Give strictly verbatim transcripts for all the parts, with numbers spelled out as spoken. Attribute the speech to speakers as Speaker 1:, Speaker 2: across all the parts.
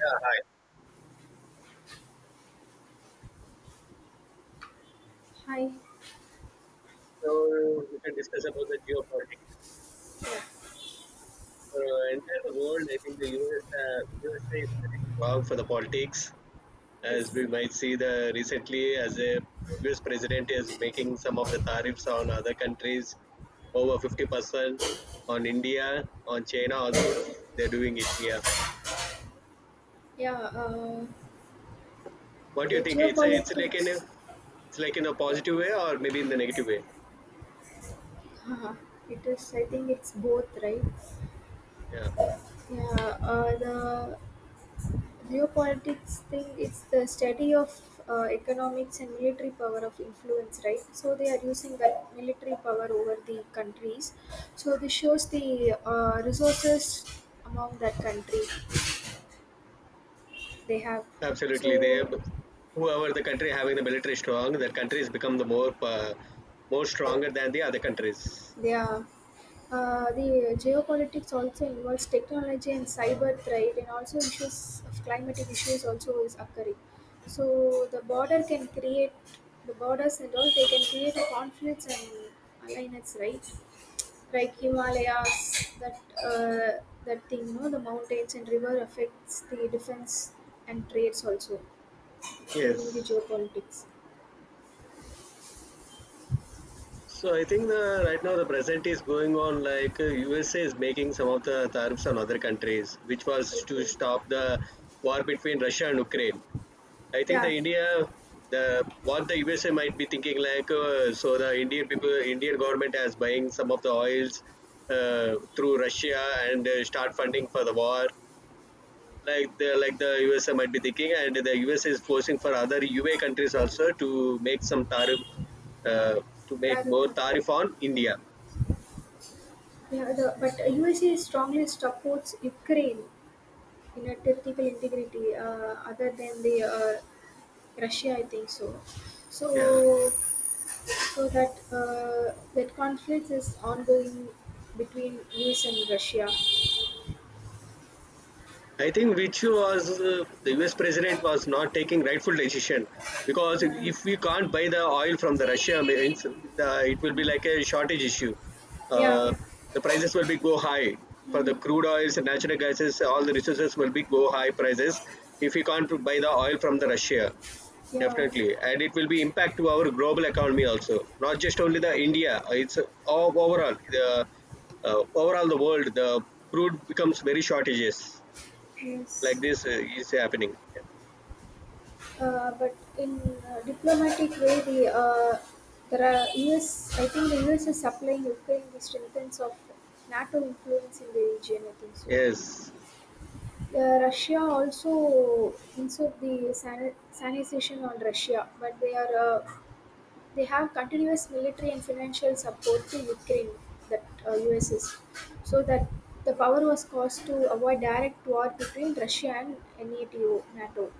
Speaker 1: Yeah, hi.
Speaker 2: Hi.
Speaker 1: So we can discuss about the geopolitics for uh, entire the world. I think the U S, uh, U S A is very strong for the politics, as
Speaker 2: Yes.
Speaker 1: we might see the recently as a U S president is making some of the tariffs on other countries over fifty percent on India, on China also. They're doing it. Yeah.
Speaker 2: Yeah. Uh,
Speaker 1: What do you
Speaker 2: the
Speaker 1: think? It's a, it's like in
Speaker 2: geopolitics.
Speaker 1: a, it's like in a
Speaker 2: Yeah.
Speaker 1: positive way or maybe in the negative way.
Speaker 2: Haha. It is. I think it's both, right?
Speaker 1: Yeah.
Speaker 2: Yeah. Uh, the geopolitics thing is the study of uh, economics and military power of influence, right? So they are using that military power over the countries. So this shows the uh, resources among that country they have.
Speaker 1: Absolutely, they
Speaker 2: So
Speaker 1: whoever the country having the military strong, that country has become the more uh, more stronger than the other countries.
Speaker 2: yeah. Uh, the geopolitics also involves technology and cyber threat and also issues of climatic issues also is occurring. So the border can create the borders and all, they can create a conflicts and alliance, right? Like Himalayas, that uh, that thing, no, the mountains and river affects the defense and trades also during the
Speaker 1: Yes.
Speaker 2: geopolitics.
Speaker 1: So I think the right now the present is going on like uh, U S A is making some of the tariffs on other countries, which was to
Speaker 2: Okay.
Speaker 1: stop the war between Russia and Ukraine. I think
Speaker 2: Yeah,
Speaker 1: the India, the what the U S A might be thinking like, uh, so the Indian people, Indian government has buying some of the oils uh, through Russia and uh, start funding for the war like the like the U S A might be thinking, and the U S A is forcing for other U A countries also to make some tariff uh, to make
Speaker 2: tariff
Speaker 1: more
Speaker 2: factor.
Speaker 1: tariff on India.
Speaker 2: Yeah, the, but U S A strongly supports Ukraine in a territorial integrity, uh, other than the uh, Russia, I think so.
Speaker 1: Yeah,
Speaker 2: So, so that uh, that conflict is ongoing between U S and Russia.
Speaker 1: I think which was uh, the U S president was not taking rightful decision because if,
Speaker 2: Yeah,
Speaker 1: if we can't buy the oil from the Russia, I the, it will be like a shortage issue.
Speaker 2: yeah,
Speaker 1: Uh, the prices will be go high for the
Speaker 2: mm,
Speaker 1: crude oils and natural gases. All the resources will be go high prices if we can't buy the oil from the Russia.
Speaker 2: yeah.
Speaker 1: Definitely, and it will be impact to our global economy also. Not just only the India. It's all overall the uh, overall the world. The crude becomes very shortages like
Speaker 2: Yes.
Speaker 1: this uh, is happening.
Speaker 2: Uh, but in uh, diplomatic way, the uh, there are U S. I think the U S is supplying Ukraine the strengthens of NATO influence in the region. I think so.
Speaker 1: Yes,
Speaker 2: Uh, Russia also insert the san- sanitization on Russia, but they are uh, they have continuous military and financial support to Ukraine that uh, U S is, so that the power was caused to avoid direct war between Russia and NATO. NATO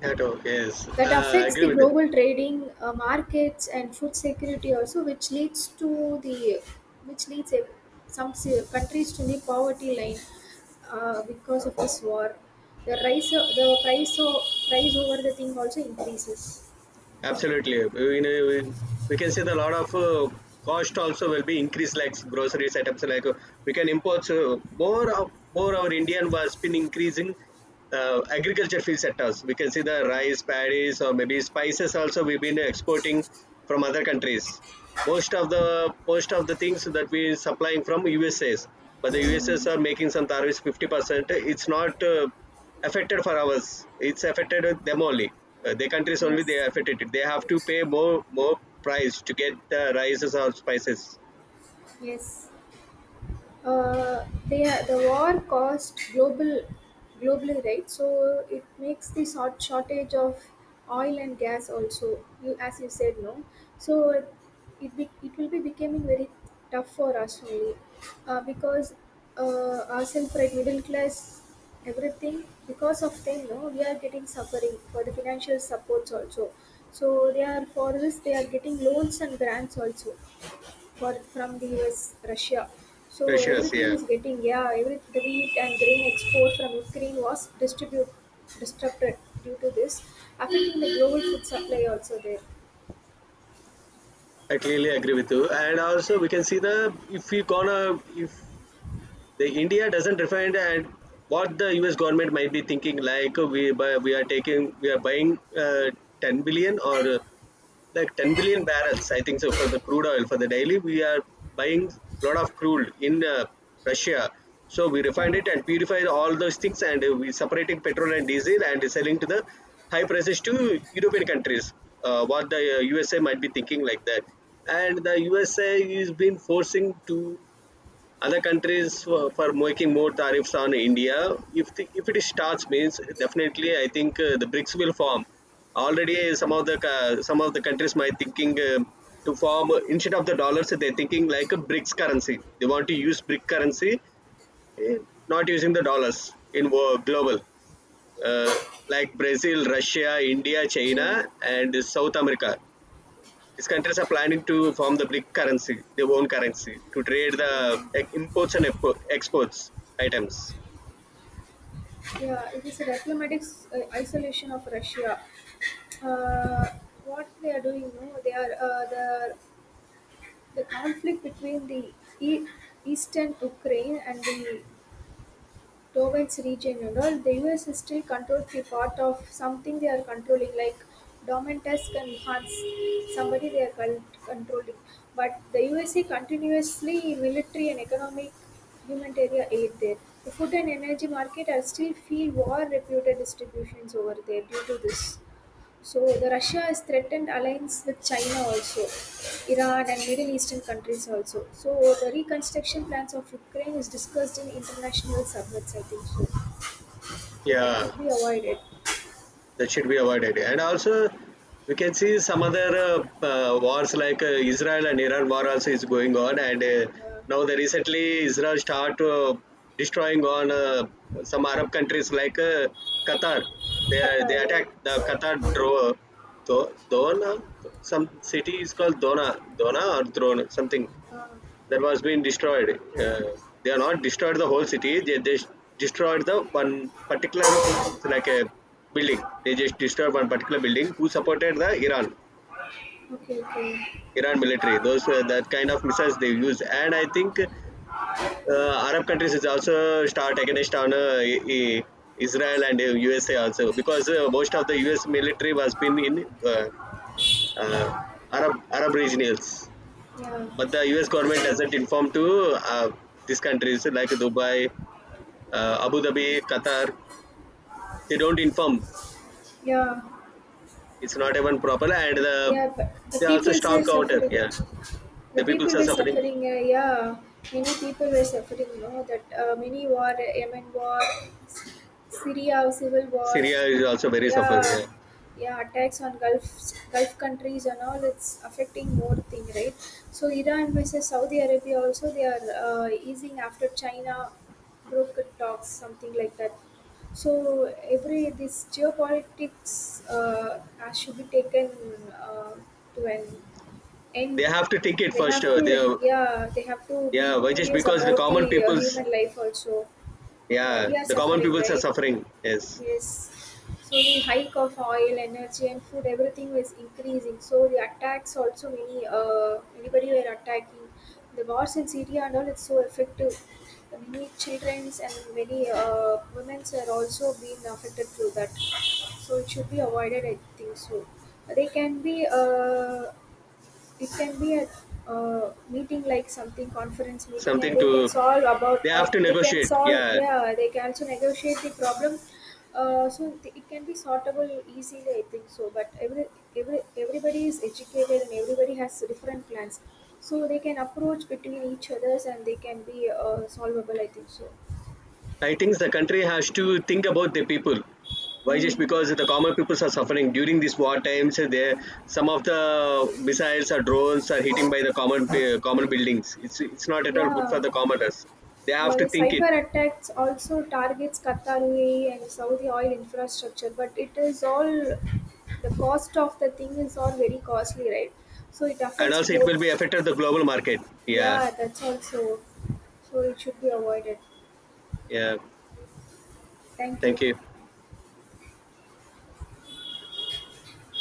Speaker 1: that all. Yes,
Speaker 2: that
Speaker 1: uh, I
Speaker 2: affects
Speaker 1: agree
Speaker 2: the
Speaker 1: with it.
Speaker 2: global trading uh, markets and food security also, which leads to the which leads a, some se- countries to the poverty line uh, because of this war, the rise o- the price o- price over the thing also increases.
Speaker 1: Absolutely. You know we can see the lot of uh, cost also will be increased, like grocery setups. Like uh, we can import uh, more of more our Indian was been increasing uh, agriculture field sectors. We can see the
Speaker 2: Yeah.
Speaker 1: rice, paddies, or maybe spices also we've been exporting from other countries. Most of the most of the things that we supplying from U S A's, but the U S A's are making some tariffs fifty percent. It's not. Uh, affected for ours. It's affected with them only. Uh, their countries only they
Speaker 2: Yes.
Speaker 1: affected it. They have to pay more more price to get the rices or spices.
Speaker 2: Yes. uh, they are, the war caused global globally, right? So it makes the short shortage of oil and gas also, you as you said, no. So it be, it will be becoming very tough for us only, uh, because uh, ourselves, right, middle class, everything. Because of them, no, we are getting suffering for the financial supports also. So they are, for this they are getting loans and grants also, for from the U S, Russia. So
Speaker 1: Precious,
Speaker 2: everything
Speaker 1: yeah.
Speaker 2: is getting, yeah, every the wheat and grain export from Ukraine was distribute disrupted due to this, affecting the global food supply also there.
Speaker 1: I clearly agree with you. And also, we can see the if we gonna if the India doesn't refine and what the U S government might be thinking like uh, we buy, we are taking we are buying uh, ten billion or uh, like ten billion barrels I think so for the crude oil for the daily we are buying a lot of crude in uh, russia so we
Speaker 2: Yeah.
Speaker 1: refined it and purified all those things and uh, we separating petrol and diesel and selling to the high prices to european countries uh, what the uh, usa might be thinking like that and the usa is been forcing to other countries for, for making more tariffs on India. If the, if it starts, means definitely I think uh, the bricks will form. Already, some
Speaker 2: Yeah.
Speaker 1: of the ca- some of the countries might thinking uh, to form uh, instead of the dollars, they're thinking like a bricks currency. They want to use brick currency, eh, not using the dollars in wo- global, uh, like Brazil, Russia, India, China,
Speaker 2: Mm,
Speaker 1: and South America. These countries are planning to form the brick currency, their own currency, to trade the like,
Speaker 2: mm,
Speaker 1: imports and exports items.
Speaker 2: yeah, it is a diplomatic s- uh, isolation of Russia. Uh, what they are doing, no, they are uh, the the conflict between the e- eastern Ukraine and the Dow region and all. The U S is still controlled the part of something they are controlling, like Domentusk and Hans, somebody they are con- controlling. But the U S A continuously military and economic humanitarian aid there. The food and energy market are still feel war reputed distributions over there due to this. So the Russia has threatened alliance with China also, Iran and Middle Eastern countries also. So the reconstruction plans of Ukraine is discussed in international summits, I think so. So that
Speaker 1: Yeah,
Speaker 2: should be avoided.
Speaker 1: that should be avoided. Yeah. And also, we can see some other uh, uh, wars like uh, Israel and Iran war also is going on. And uh,
Speaker 2: Yeah,
Speaker 1: now the recently Israel start uh, destroying on uh, some Arab countries like uh, Qatar. They are,
Speaker 2: Qatar.
Speaker 1: they attacked
Speaker 2: Yeah.
Speaker 1: the Qatar dro- Do- Dona. Some city is called Dona, Dona or Drone, something.
Speaker 2: Ah,
Speaker 1: That was been destroyed. Uh, they are not destroyed the whole city. They just destroyed the one particular it's like a building. They just destroyed one particular
Speaker 2: ah,
Speaker 1: building who supported the Iran
Speaker 2: okay. Okay.
Speaker 1: Iran military. Those uh, that kind of missiles they use, and I think uh, Arab countries is also start against on uh, I- I- Israel and uh, U S A also because uh, most of the U S military was been in uh, uh, Arab Arab regions.
Speaker 2: Yeah.
Speaker 1: But the U S government doesn't inform to uh, these countries like Dubai, uh, Abu Dhabi, Qatar. They don't inform.
Speaker 2: Yeah.
Speaker 1: It's not even proper, and the,
Speaker 2: Yeah. But the
Speaker 1: they are
Speaker 2: people
Speaker 1: also
Speaker 2: are
Speaker 1: strong counter.
Speaker 2: suffering.
Speaker 1: Yeah,
Speaker 2: The
Speaker 1: the people
Speaker 2: people
Speaker 1: are
Speaker 2: were
Speaker 1: suffering.
Speaker 2: suffering, uh, yeah, many people were suffering, you know that, uh, many war, Yemen war, Syria civil war,
Speaker 1: Syria is also very
Speaker 2: yeah.
Speaker 1: suffering. Yeah,
Speaker 2: Yeah, attacks on gulf gulf countries and all, it's affecting more thing, right? So Iran versus Saudi Arabia also, they are uh, easing after China broke talks, something like that. So every this geopolitics uh, has should be taken uh, to an
Speaker 1: they
Speaker 2: and
Speaker 1: have to think it
Speaker 2: they
Speaker 1: first.
Speaker 2: have
Speaker 1: Uh,
Speaker 2: to,
Speaker 1: they, are-
Speaker 2: yeah, they have to be
Speaker 1: yeah, why just
Speaker 2: curious
Speaker 1: because the
Speaker 2: about the
Speaker 1: common
Speaker 2: uh,
Speaker 1: peoples,
Speaker 2: human life also. No,
Speaker 1: yeah,
Speaker 2: we are
Speaker 1: the common
Speaker 2: suffering,
Speaker 1: peoples are
Speaker 2: right?
Speaker 1: suffering. Yes,
Speaker 2: Yes. So the hike of oil, energy and food, everything is increasing, so the attacks also, many, uh, anybody were attacking the wars in Syria and all, it's so effective. Many children's and many uh, women's are also being affected through that. So it should be avoided, I think so. They can be, uh, it can be a, uh meeting, like something conference meeting, and
Speaker 1: something
Speaker 2: they can
Speaker 1: to
Speaker 2: solve about,
Speaker 1: they have
Speaker 2: uh,
Speaker 1: to
Speaker 2: they can
Speaker 1: negotiate.
Speaker 2: solve
Speaker 1: Yeah,
Speaker 2: yeah, they can also negotiate the problem. uh, so th- it can be sortable easily, I think so. But every, every everybody is educated and everybody has different plans, so they can approach between each others and they can be uh, solvable, I think so.
Speaker 1: I think the country has to think about the people. Why just
Speaker 2: Mm.
Speaker 1: because the common people are suffering during these war times? There, some of the missiles or drones are hitting by the common pe- common buildings. It's it's not at all good for
Speaker 2: Yeah.
Speaker 1: the commoners. They have
Speaker 2: The,
Speaker 1: to
Speaker 2: the
Speaker 1: think it,
Speaker 2: cyber attacks also targets Qatar, U A E and Saudi oil infrastructure, but it is all the cost of the thing is all very costly, right? So it
Speaker 1: and
Speaker 2: affects
Speaker 1: also it will be
Speaker 2: both.
Speaker 1: affected the global market. Yeah,
Speaker 2: Yeah, that's also, so so it should be avoided.
Speaker 1: yeah.
Speaker 2: Thank
Speaker 1: Thank
Speaker 2: you.
Speaker 1: you.